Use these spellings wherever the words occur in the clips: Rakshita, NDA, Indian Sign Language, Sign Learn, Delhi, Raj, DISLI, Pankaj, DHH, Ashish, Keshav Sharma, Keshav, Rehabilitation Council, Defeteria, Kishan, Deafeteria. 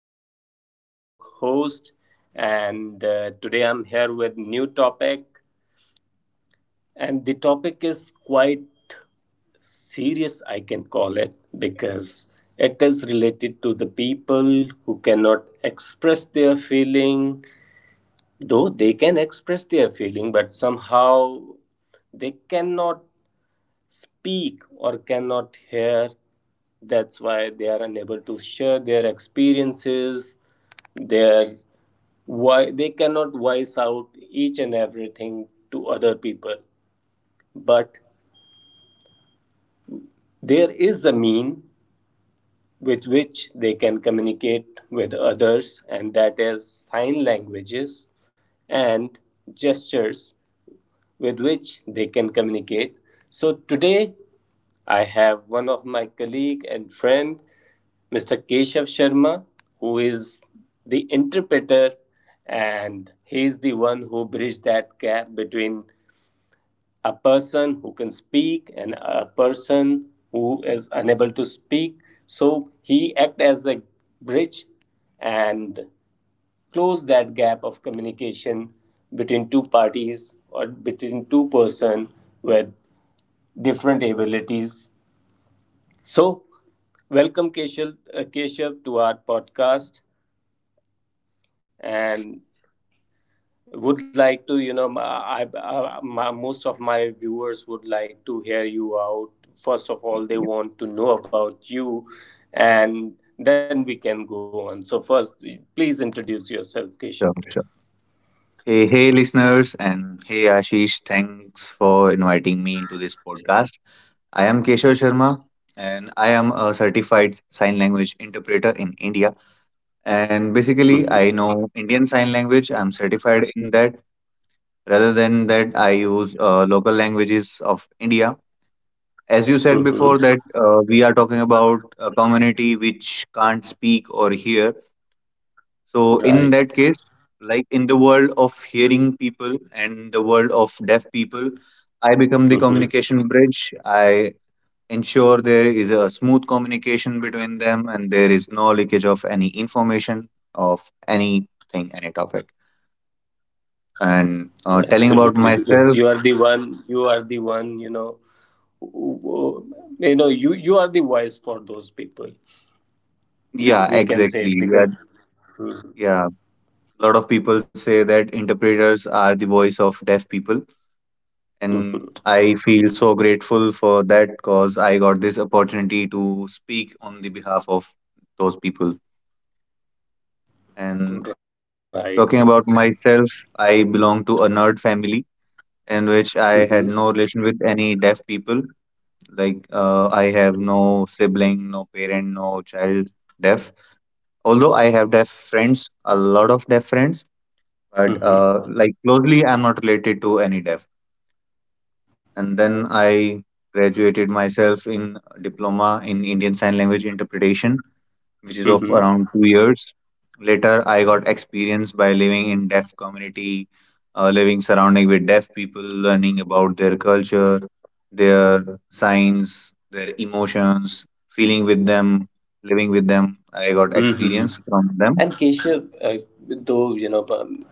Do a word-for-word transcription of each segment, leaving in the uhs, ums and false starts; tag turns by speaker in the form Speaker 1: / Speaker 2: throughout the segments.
Speaker 1: friend, your host, and uh, today I'm here with new topic, and the topic is quite serious, I can call it, because it is related to the people who cannot express their feeling, though they can express their feeling, but somehow they cannot speak or cannot hear. That's why they are unable to share their experiences, their why they cannot voice out each and everything to other people. But there is a mean with which they can communicate with others, and that is sign languages and gestures with which they can communicate. So today I have one of my colleague and friend, mister Keshav Sharma, who is the interpreter and he is the one who bridges that gap between a person who can speak and a person who is unable to speak. So he acts as a bridge and close that gap of communication between two parties or between two person with different abilities. So, welcome Keshav, uh, Keshav to our podcast and would like to you know my, I, I, my most of my viewers would like to hear you out, first of all they
Speaker 2: Yeah,
Speaker 1: want to know about you, and then we can go on, so first please introduce yourself Keshav.
Speaker 2: Sure, sure. Hey, hey, listeners, and hey, Ashish, thanks for inviting me into this podcast. I am Keshav Sharma, and I am a certified sign language interpreter in India. And basically, I
Speaker 1: Mm-hmm.
Speaker 2: know Indian Sign Language. I'm certified in that. Rather than that, I use uh, local languages of India. As you said before, that
Speaker 1: Mm-hmm.
Speaker 2: uh, we are talking about a community which can't speak or hear. So, in
Speaker 1: Right.
Speaker 2: that case, like in the world of hearing people and the world of deaf people, I become the
Speaker 1: Mm-hmm.
Speaker 2: communication bridge. I ensure there is a smooth communication between them and there is no leakage of any information, of anything, any topic. And uh, telling about
Speaker 1: Absolutely, because
Speaker 2: myself,
Speaker 1: you are the one, you are the one, you know, who- who- you know, you you are the voice for those people. We,
Speaker 2: yeah,
Speaker 1: we can say
Speaker 2: exactly.
Speaker 1: it
Speaker 2: Yeah,
Speaker 1: because, mhm,
Speaker 2: yeah. A lot of people say that interpreters are the voice of deaf people. And
Speaker 1: mhm,
Speaker 2: I feel so grateful for that because I got this opportunity to speak on the behalf of those people. And
Speaker 1: right?
Speaker 2: talking about myself, I belong to a nerd family in which I
Speaker 1: Hmm,
Speaker 2: had no relation with any deaf people. Like uh, I have no sibling, no parent, no child deaf. Although I have deaf friends, a lot of deaf friends, but
Speaker 1: hmm,
Speaker 2: uh, like closely, I'm not related to any deaf. And then I graduated myself in diploma in Indian Sign Language interpretation, which is of
Speaker 1: hmm,
Speaker 2: around two years. Later, I got experience by living in deaf community, uh, living surrounding with deaf people, learning about their culture, their signs, their emotions, feeling with them, living with them. I got
Speaker 1: hmm.
Speaker 2: experience from them.
Speaker 1: And Keshav, uh, though you know, um,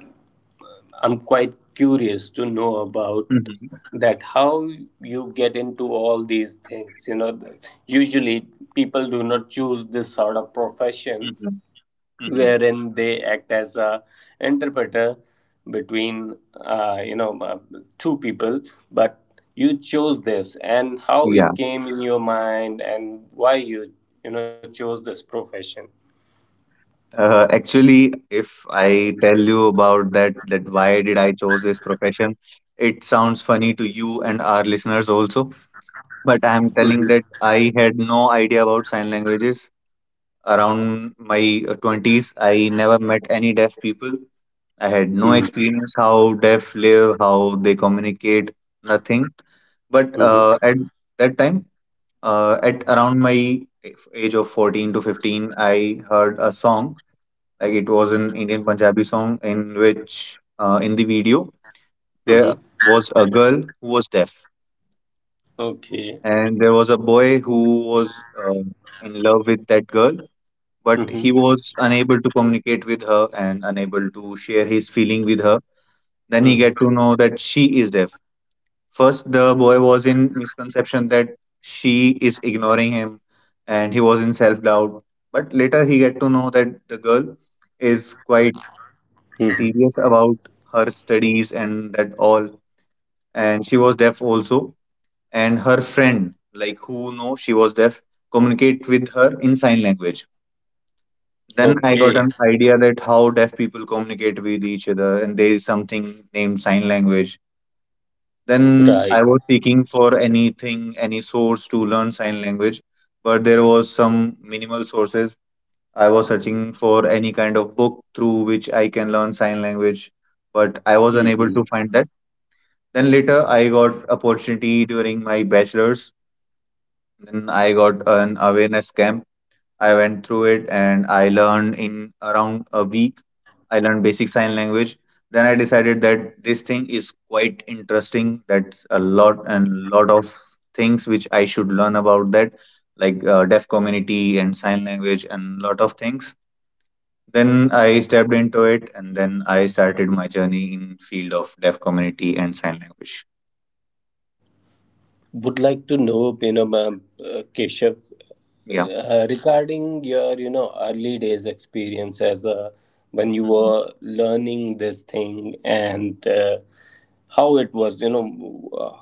Speaker 1: I'm quite curious to know about
Speaker 2: Mhm,
Speaker 1: that how you get into all these things. You know, usually people do not choose this sort of profession
Speaker 2: mhm, mhm.
Speaker 1: wherein they act as a interpreter between uh, you know uh, two people, but you chose this and how
Speaker 2: Yeah.
Speaker 1: it came in your mind and why you, you know, chose this profession.
Speaker 2: Uh, actually, if I tell you about that, that why did I chose this profession, it sounds funny to you and our listeners also. But I'm telling
Speaker 1: Mhm,
Speaker 2: that I had no idea about sign languages. Around my uh, twenties, I never met any deaf people. I had no
Speaker 1: mhm,
Speaker 2: experience how deaf live, how they communicate, nothing. But
Speaker 1: mhm,
Speaker 2: uh, at that time, uh, at around my age of fourteen to fifteen, I heard a song, like it was an Indian Punjabi song in which, uh, in the video, there
Speaker 1: mhm.
Speaker 2: was a girl who was deaf,
Speaker 1: Okay.
Speaker 2: and there was a boy who was uh, in love with that girl, but
Speaker 1: Mhm,
Speaker 2: he was unable to communicate with her and unable to share his feeling with her. Then he get
Speaker 1: mhm,
Speaker 2: to know that she is deaf. First, the boy was in misconception that she is ignoring him, and he was in self doubt. But later, he get to know that the girl is quite
Speaker 1: mhm.
Speaker 2: serious about her studies and that all, and she was deaf also, and her friend like who know she was deaf communicate with her in sign language. Then I
Speaker 1: Okay.
Speaker 2: got an idea that how deaf people communicate with each other and there is something named sign language. Then
Speaker 1: Right.
Speaker 2: I was seeking for anything, any source to learn sign language, but there was some minimal sources. I was searching for any kind of book through which I can learn sign language, but I was unable
Speaker 1: Mhm.
Speaker 2: to find that. Then later I got opportunity during my bachelor's. Then I got an awareness camp. I went through it and I learned in around a week. I learned basic sign language. Then I decided that this thing is quite interesting. That's a lot and lot of things which I should learn about that, like uh, deaf community and sign language and lot of things. Then I stepped into it and then I started my journey in field of deaf community and sign language.
Speaker 1: Would like to know, you know, ma'am, uh, Keshav,
Speaker 2: Yeah.
Speaker 1: uh, regarding your, you know, early days experience as a when you
Speaker 2: Mm-hmm.
Speaker 1: were learning this thing and uh, how it was, you know, uh,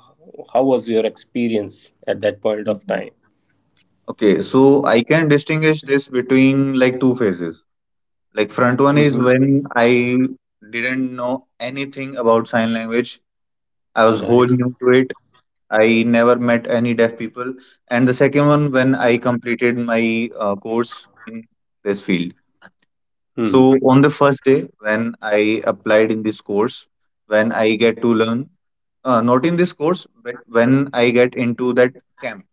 Speaker 1: how was your experience at that point of
Speaker 2: Mhm.
Speaker 1: time?
Speaker 2: Okay, so I can distinguish this between like two phases. Like front one is
Speaker 1: Hmm.
Speaker 2: when I didn't know anything about sign language. I was whole
Speaker 1: Right.
Speaker 2: new to it. I never met any deaf people. And the second one when I completed my uh, course in this field. So
Speaker 1: Hmm.
Speaker 2: on the first day when I applied in this course, when I get to learn, uh, not in this course, but when I get into that camp,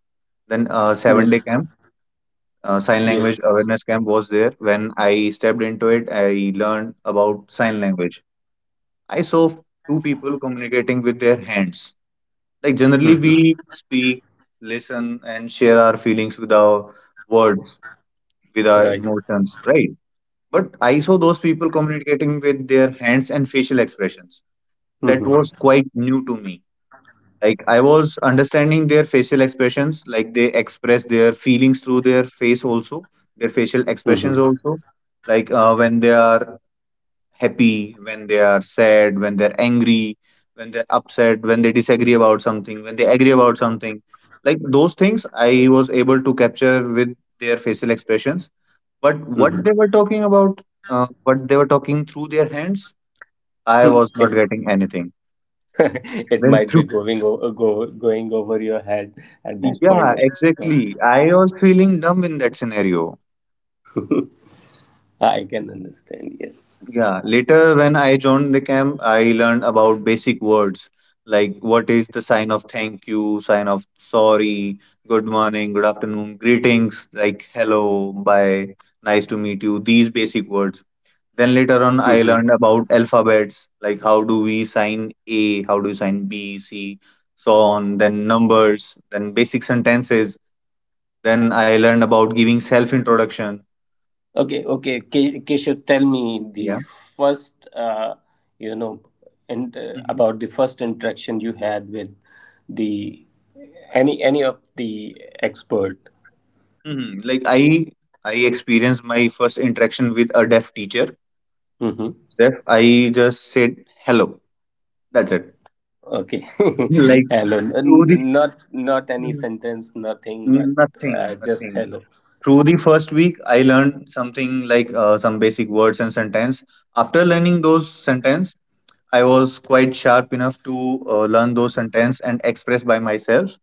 Speaker 2: then uh, seven day
Speaker 1: Mm.
Speaker 2: camp. Uh, sign language
Speaker 1: Yes.
Speaker 2: awareness camp was there. When I stepped into it, I learned about sign language. I saw two people communicating with their hands. Like generally, we
Speaker 1: Hmm.
Speaker 2: speak, listen, and share our feelings with our words, with our
Speaker 1: Right.
Speaker 2: emotions, right? But I saw those people communicating with their hands and facial expressions. That
Speaker 1: Hmm,
Speaker 2: was quite new to me. Like I was understanding their facial expressions, like they express their feelings through their face also, their facial
Speaker 1: hmm,
Speaker 2: expressions
Speaker 1: hmm.
Speaker 2: also. Like uh, when they are happy, when they are sad, when they're angry, when they're upset, when they disagree about something, when they agree about something, like those things I was able to capture with their facial expressions. But what they
Speaker 1: Hmm.
Speaker 2: were talking about, uh, what they were talking through their hands, I was not
Speaker 1: It,
Speaker 2: getting anything
Speaker 1: it
Speaker 2: when
Speaker 1: might
Speaker 2: through
Speaker 1: be going over, go, going over your head at that
Speaker 2: Yeah,
Speaker 1: point of time.
Speaker 2: exactly. I was feeling numb in that scenario.
Speaker 1: I can understand. Yes.
Speaker 2: Yeah, later when I joined the camp, I learned about basic words, like what is the sign of thank you, sign of sorry, good morning, good afternoon, greetings like hello, bye, nice to meet you, these basic words. Then later on, I
Speaker 1: Hmm.
Speaker 2: learned about alphabets like how do we sign A, how do you sign B, C, so on, then numbers, then basic sentences. Then I learned about giving self introduction.
Speaker 1: Okay. Okay. Ke- Keshav, tell me the
Speaker 2: Yeah.
Speaker 1: first, uh, you know, and uh,
Speaker 2: hmm
Speaker 1: about the first interaction you had with the any any of the expert.
Speaker 2: hmm Like I I experienced my first interaction with a deaf teacher.
Speaker 1: Hmm.
Speaker 2: Steph, I just said hello. That's it.
Speaker 1: Okay.
Speaker 2: Like
Speaker 1: Hello. N-
Speaker 2: through the
Speaker 1: n- Not not any sentence. Nothing. But
Speaker 2: Mhm.
Speaker 1: uh,
Speaker 2: nothing,
Speaker 1: just
Speaker 2: nothing.
Speaker 1: hello.
Speaker 2: Through the first week, I learned something like uh, some basic words and sentence. After learning those sentence, I was quite sharp enough to uh, learn those sentence and express by myself.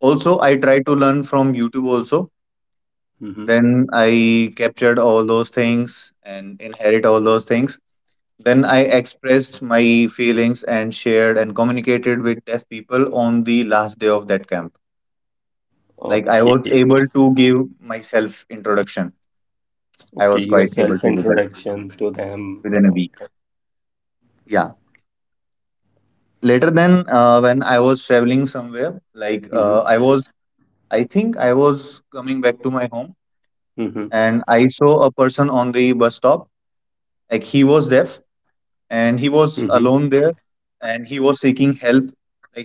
Speaker 2: Also, I tried to learn from YouTube also.
Speaker 1: Hmm.
Speaker 2: Then I captured all those things and inherit all those things. Then I expressed my feelings and shared and communicated with deaf people on the last day of that camp. Like I was
Speaker 1: Okay.
Speaker 2: able to give myself introduction. I
Speaker 1: Okay.
Speaker 2: was
Speaker 1: Your
Speaker 2: quite
Speaker 1: self
Speaker 2: able to do that
Speaker 1: introduction to them.
Speaker 2: within a week.
Speaker 1: Okay.
Speaker 2: Yeah. Later then, uh, when I was traveling somewhere, like uh,
Speaker 1: Hmm,
Speaker 2: I was, I think I was coming back to my home
Speaker 1: hmm,
Speaker 2: and I saw a person on the bus stop. Like he was deaf and he
Speaker 1: hmm.
Speaker 2: was alone there and he was seeking help,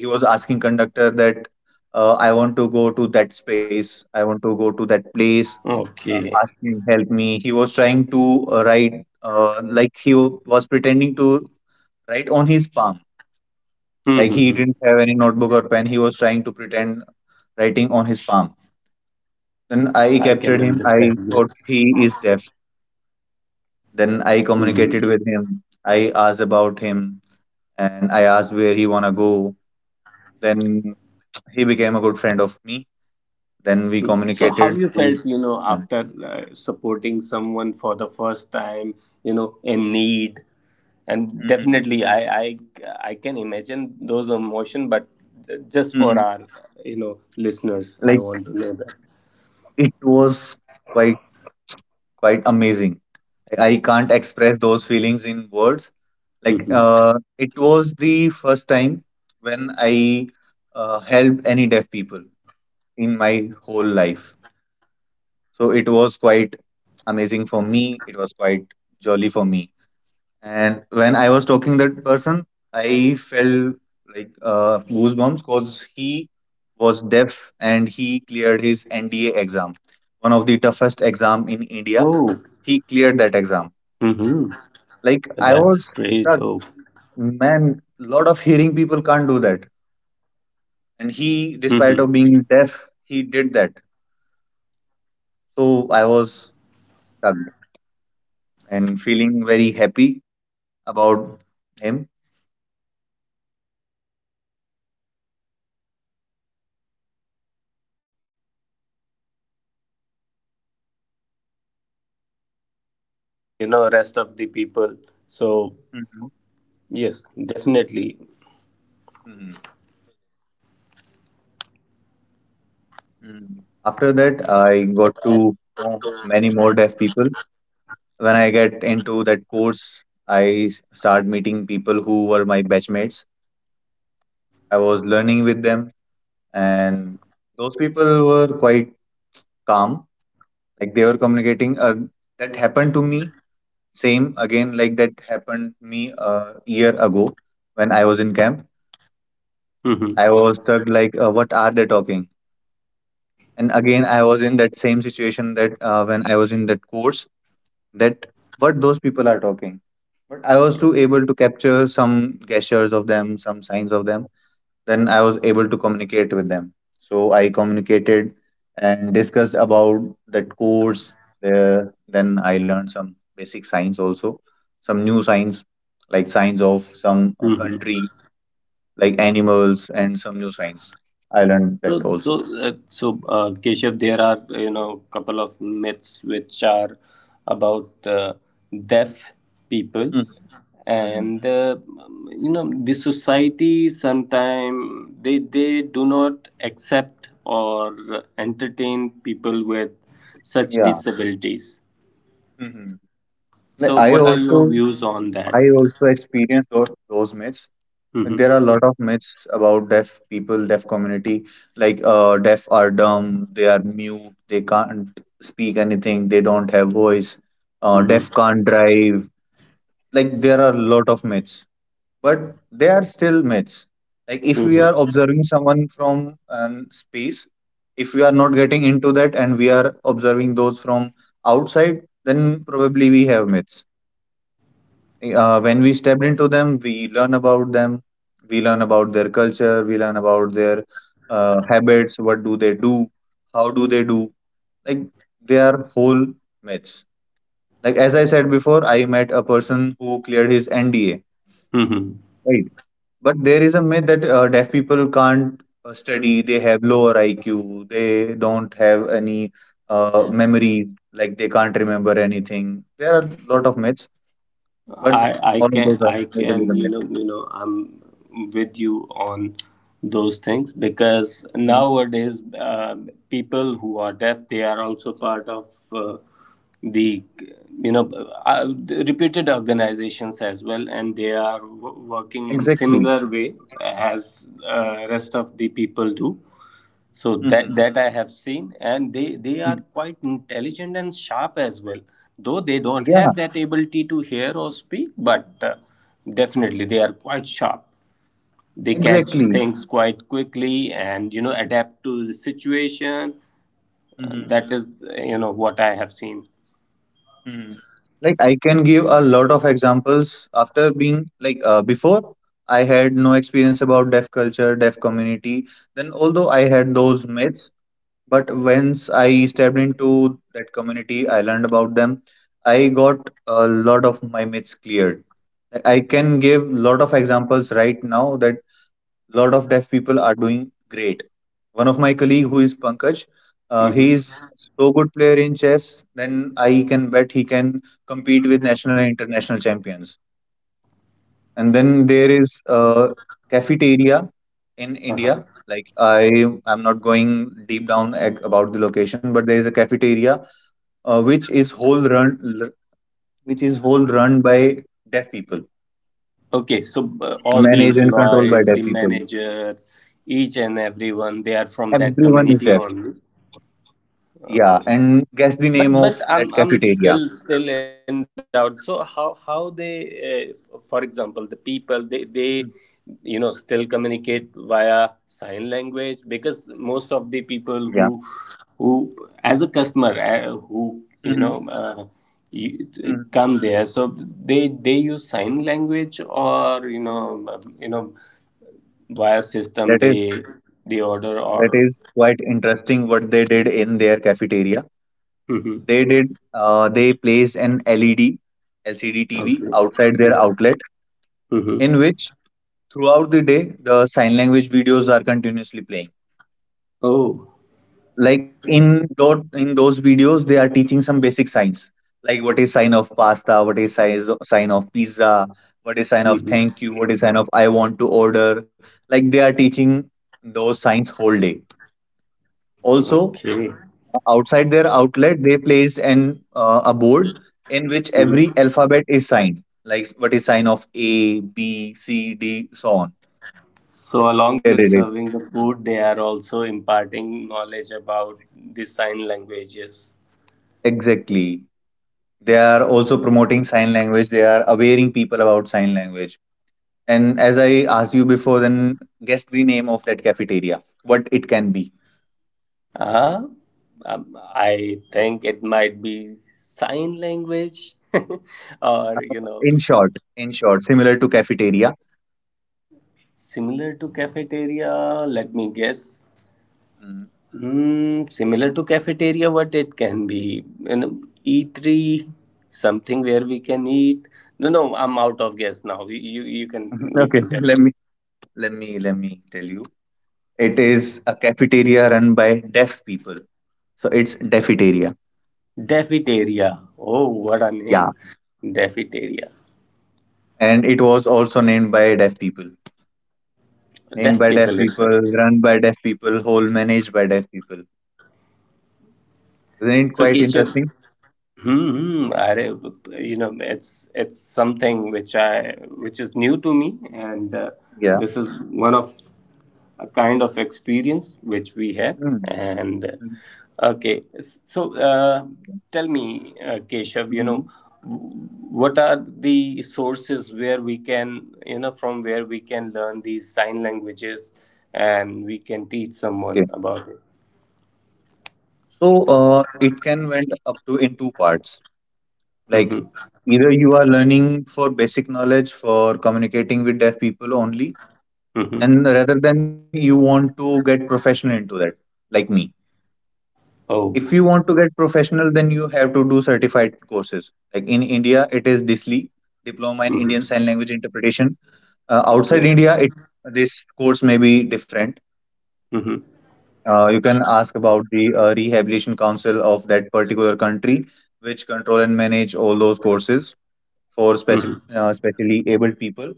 Speaker 2: like he was asking conductor that uh, I want to go to that space, I want to go to that place.
Speaker 1: Okay.
Speaker 2: Uh, ask me, help me. He was trying to uh, write, uh, like he was pretending to write on his palm, like he didn't have any notebook or pen. He was trying to pretend writing on his palm. Then
Speaker 1: I
Speaker 2: I
Speaker 1: can
Speaker 2: captured him, I
Speaker 1: understand, yes.
Speaker 2: thought he is deaf. Then I
Speaker 1: Hmm.
Speaker 2: communicated with him, I asked about him and I asked where he wanna go. Then he became a good friend of me. Then we
Speaker 1: Hmm. So, how
Speaker 2: communicated
Speaker 1: you felt,
Speaker 2: through
Speaker 1: you know,
Speaker 2: him.
Speaker 1: after uh, supporting someone for the first time, you know, in need, and
Speaker 2: hmm
Speaker 1: definitely, I, I, I can imagine those emotion, but just for
Speaker 2: hmm
Speaker 1: our, you know, listeners, I
Speaker 2: Like
Speaker 1: want to know that.
Speaker 2: it was quite quite amazing. Like, I can't express those feelings in words. Like
Speaker 1: Hmm.
Speaker 2: uh, it was the first time when I uh, helped any deaf people in my whole life. So it was quite amazing for me. It was quite jolly for me. And when I was talking that person, I felt like uh, goosebumps because he was deaf and he cleared his N D A exam, one of the toughest exam in
Speaker 1: Oh,
Speaker 2: India. He cleared that exam.
Speaker 1: hmm,
Speaker 2: Like
Speaker 1: that's
Speaker 2: I was
Speaker 1: great. Oh,
Speaker 2: struck, man. Lot of hearing people can't do that, and he,
Speaker 1: mhm.
Speaker 2: despite of being deaf, he did that. So I was struck and feeling very happy about him.
Speaker 3: The rest of the people. So
Speaker 2: Mhm.
Speaker 3: yes, definitely.
Speaker 2: Mhm. Mm. After that, I got to know many more deaf people. When I get into that course, I s- start meeting people who were my batchmates. I was learning with them, and those people were quite calm. Like they were communicating. Uh, that happened to me. Same again, like that happened me a year ago when I was in camp.
Speaker 3: hmm
Speaker 2: I was stuck. Like, uh, what are they talking? And again, I was in that same situation that uh, when I was in that course, that what those people are talking. But I was too able to capture some gestures of them, some signs of them. Then I was able to communicate with them. So I communicated and discussed about that course there. Then I learned some basic signs also, some new signs like signs of some uh,
Speaker 3: hmm
Speaker 2: countries, like animals, and some new signs. I learned
Speaker 3: So
Speaker 2: that
Speaker 3: so
Speaker 2: also.
Speaker 3: uh, so uh, Keshav, there are you know couple of myths which are about uh, deaf people,
Speaker 2: Mhm. Mhm.
Speaker 3: and uh, you know the society sometimes they they do not accept or entertain people with such
Speaker 2: Yeah.
Speaker 3: disabilities.
Speaker 2: Mhm.
Speaker 3: So
Speaker 2: I
Speaker 3: what are
Speaker 2: also
Speaker 3: your views on that?
Speaker 2: I also experienced those those myths. Like, there are
Speaker 3: Mm-hmm.
Speaker 2: a lot of myths about deaf people, deaf community. Like uh, deaf are dumb, they are mute, they can't speak anything, they don't have voice. Uh,
Speaker 3: Mm-hmm.
Speaker 2: deaf can't drive. Like there are a lot of myths, but they are still myths. Like if we are observing someone from an space, if we are not getting into that and we are observing those from outside, then probably we have myths uh, When we step into them, we learn about them, we learn about their culture, we learn about their uh, habits, what do they do, how do they do. Like they are whole myths. Like as I said before, I met a person who cleared his N D A,
Speaker 3: hmm
Speaker 2: right? But there is a myth that uh, deaf people can't uh, study, they have lower I Q, they don't have any uh, memories, like they can't remember anything. There are a lot of myths, but
Speaker 3: I I
Speaker 2: all of
Speaker 3: can
Speaker 2: those are
Speaker 3: I can
Speaker 2: basically the
Speaker 3: you know
Speaker 2: myths.
Speaker 3: you know I'm with you on those things because
Speaker 2: Mm-hmm.
Speaker 3: nowadays uh, people who are deaf they are also part of uh, the you know uh, reputed organizations as well and they are w- working in
Speaker 2: Exactly.
Speaker 3: similar way as uh, rest of the people do. So that
Speaker 2: Mm-hmm.
Speaker 3: that I have seen, and they they are quite intelligent and sharp as well. Though they don't
Speaker 2: Yeah,
Speaker 3: have that ability to hear or speak, but uh, definitely they are quite sharp. They catch
Speaker 2: exactly.
Speaker 3: things quite quickly and you know adapt to the situation. Uh,
Speaker 2: Mm-hmm.
Speaker 3: that is uh, you know what I have seen.
Speaker 2: Mm-hmm. Like I can give a lot of examples after being like uh, before I had no experience about deaf culture, deaf community. Then although I had those myths, but once I stepped into that community, I learned about them. I got a lot of my myths cleared. Like, I can give lot of examples right now that lot of deaf people are doing great. One of my colleague who is Pankaj. Uh,
Speaker 3: hmm
Speaker 2: he is so good player in chess. Then I can bet he can compete with national and international champions. And then there is a cafeteria in India.
Speaker 3: Uh-huh.
Speaker 2: Like I, I'm not going deep down ac- about the location, but there is a cafeteria uh, which is whole run, l- which is whole run by deaf people,
Speaker 3: Okay, so uh, all the
Speaker 2: managed and controlled
Speaker 3: employees,
Speaker 2: by
Speaker 3: the
Speaker 2: deaf people.
Speaker 3: manager, each and everyone, they are from that
Speaker 2: Everyone is
Speaker 3: community
Speaker 2: deaf.
Speaker 3: only. Uh,
Speaker 2: Yeah, and guess the
Speaker 3: But
Speaker 2: name
Speaker 3: but
Speaker 2: of
Speaker 3: I'm
Speaker 2: that
Speaker 3: I'm still
Speaker 2: cafeteria.
Speaker 3: still in doubt. So how how they, uh, for example, the people they they
Speaker 2: Hmm.
Speaker 3: you know still communicate via sign language because most of the people who who as a customer uh, who
Speaker 2: Yeah.
Speaker 3: you know uh, you,
Speaker 2: Mhm.
Speaker 3: come there so they they use sign language or you know um, you know via
Speaker 2: That
Speaker 3: system
Speaker 2: is
Speaker 3: they they order or
Speaker 2: that is quite interesting what they did in their cafeteria.
Speaker 3: hmm
Speaker 2: They did uh, they placed an L E D L C D T V
Speaker 3: okay
Speaker 2: outside their outlet
Speaker 3: hmm
Speaker 2: in which throughout the day the sign language videos are continuously playing.
Speaker 3: oh
Speaker 2: Like in those in those videos they are teaching some basic signs like what is sign of pasta, what is size sign of pizza, what is sign
Speaker 3: hmm
Speaker 2: of thank you, what is sign of I want to order. Like they are teaching those signs whole day. Also
Speaker 3: Okay.
Speaker 2: outside their outlet, they placed an uh, a board in which
Speaker 3: Mhm.
Speaker 2: every alphabet is signed, like what is sign of A, B, C, D, so on.
Speaker 3: So, along
Speaker 2: They
Speaker 3: with
Speaker 2: did it.
Speaker 3: serving the food, they are also imparting knowledge about the sign languages.
Speaker 2: Exactly. They are also promoting sign language. They are awareing people about sign language. And as I asked you before, then guess the name of that cafeteria, what it can be.
Speaker 3: Uh, um, I think it might be sign language
Speaker 2: Uh,
Speaker 3: or, you know,
Speaker 2: In short, in short, similar to cafeteria.
Speaker 3: similar to cafeteria. Let me guess.
Speaker 2: Mm.
Speaker 3: Mm, similar to cafeteria, what it can be, you know, eatery, something where we can eat. No, no, I'm out of guess now. You, you, you can, you
Speaker 2: Okay,
Speaker 3: can tell.
Speaker 2: let me let me let me tell you. It is a cafeteria run by deaf people. So it's Deafeteria.
Speaker 3: Defeteria. Oh, what a name.
Speaker 2: Yeah.
Speaker 3: Defeteria.
Speaker 2: And it was also named by deaf people.
Speaker 3: Deaf
Speaker 2: Named by
Speaker 3: people
Speaker 2: deaf
Speaker 3: itself.
Speaker 2: people, run by deaf people, whole managed by deaf people. Isn't it
Speaker 3: So,
Speaker 2: quite
Speaker 3: Kishan,
Speaker 2: interesting?
Speaker 3: Hmm. अरे you know it's it's something which I which is new to me and uh,
Speaker 2: Yeah.
Speaker 3: this is one of a kind of experience which we had
Speaker 2: Mm.
Speaker 3: and uh, okay, s- so uh, tell me uh, Keshav you know
Speaker 2: Mhm.
Speaker 3: w- what are the sources where we can you know from where we can learn these sign languages and we can teach someone
Speaker 2: Okay.
Speaker 3: about it.
Speaker 2: So uh, it can went up to in two parts. Like
Speaker 3: Mm-hmm.
Speaker 2: either you are learning for basic knowledge for communicating with deaf people only,
Speaker 3: Mm-hmm.
Speaker 2: and rather than you want to get professional into that, like me. If
Speaker 3: Oh.
Speaker 2: you want to get professional then you have to do certified courses like in India it is disli, diploma in Indian
Speaker 3: Mm-hmm.
Speaker 2: sign language interpretation. Uh,
Speaker 3: Okay.
Speaker 2: outside India it this course may be different.
Speaker 3: Mm-hmm.
Speaker 2: Uh, you can ask about the uh, rehabilitation council of that particular country which control and manage all those courses for specif-
Speaker 3: Mhm.
Speaker 2: uh, specially abled people.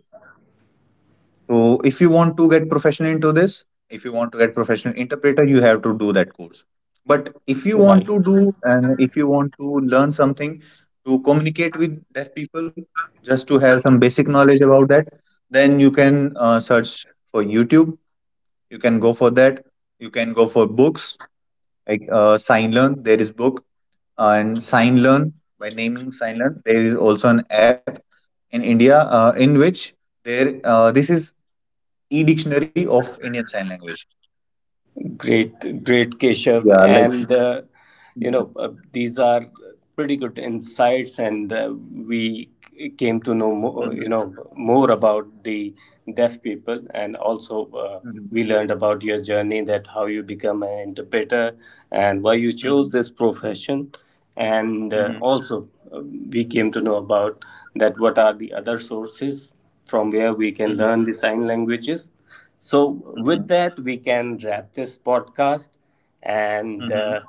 Speaker 2: So if you want to get professional into this, if you want to get professional interpreter, you have to do that course. But if you
Speaker 3: Right.
Speaker 2: want to do and if you want to learn something to communicate with deaf people, just to have some basic knowledge about that, then you can uh, search for YouTube. You can go for that. You can go for books like uh, Sign Learn. There is book uh, and Sign Learn by naming Sign Learn. There is also an app in India uh, in which there uh, this is e-dictionary of Indian Sign Language.
Speaker 3: Great, great, Keshav.
Speaker 2: Yeah, like
Speaker 3: And, uh, you
Speaker 2: Mhm,
Speaker 3: know, uh, these are pretty good insights, and uh, we came to know,
Speaker 2: mhm,
Speaker 3: more, you know, more about the deaf people, and also uh,
Speaker 2: mhm,
Speaker 3: we learned about your journey, that how you become an interpreter, and why you
Speaker 2: mhm,
Speaker 3: chose this profession, and uh,
Speaker 2: mhm,
Speaker 3: also uh, we came to know about that what are the other sources from where we can
Speaker 2: mhm,
Speaker 3: learn the sign languages. So,
Speaker 2: mhm,
Speaker 3: with that, we can wrap this podcast. And
Speaker 2: mhm,
Speaker 3: uh,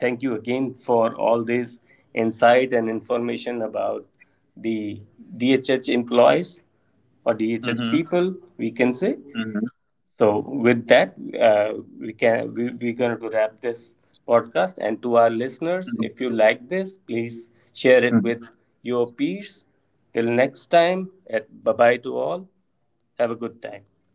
Speaker 3: thank you again for all this insight and information about the D H H employees or D H H
Speaker 2: mhm,
Speaker 3: people, we can say.
Speaker 2: mhm, mhm,
Speaker 3: So, with that, uh, we can we, we're going to wrap this podcast. And to our
Speaker 2: mhm,
Speaker 3: listeners,
Speaker 2: mhm, mhm,
Speaker 3: if you like this, please share it with
Speaker 2: mhm,
Speaker 3: your peers. Till next time, bye bye to all. Have a good time.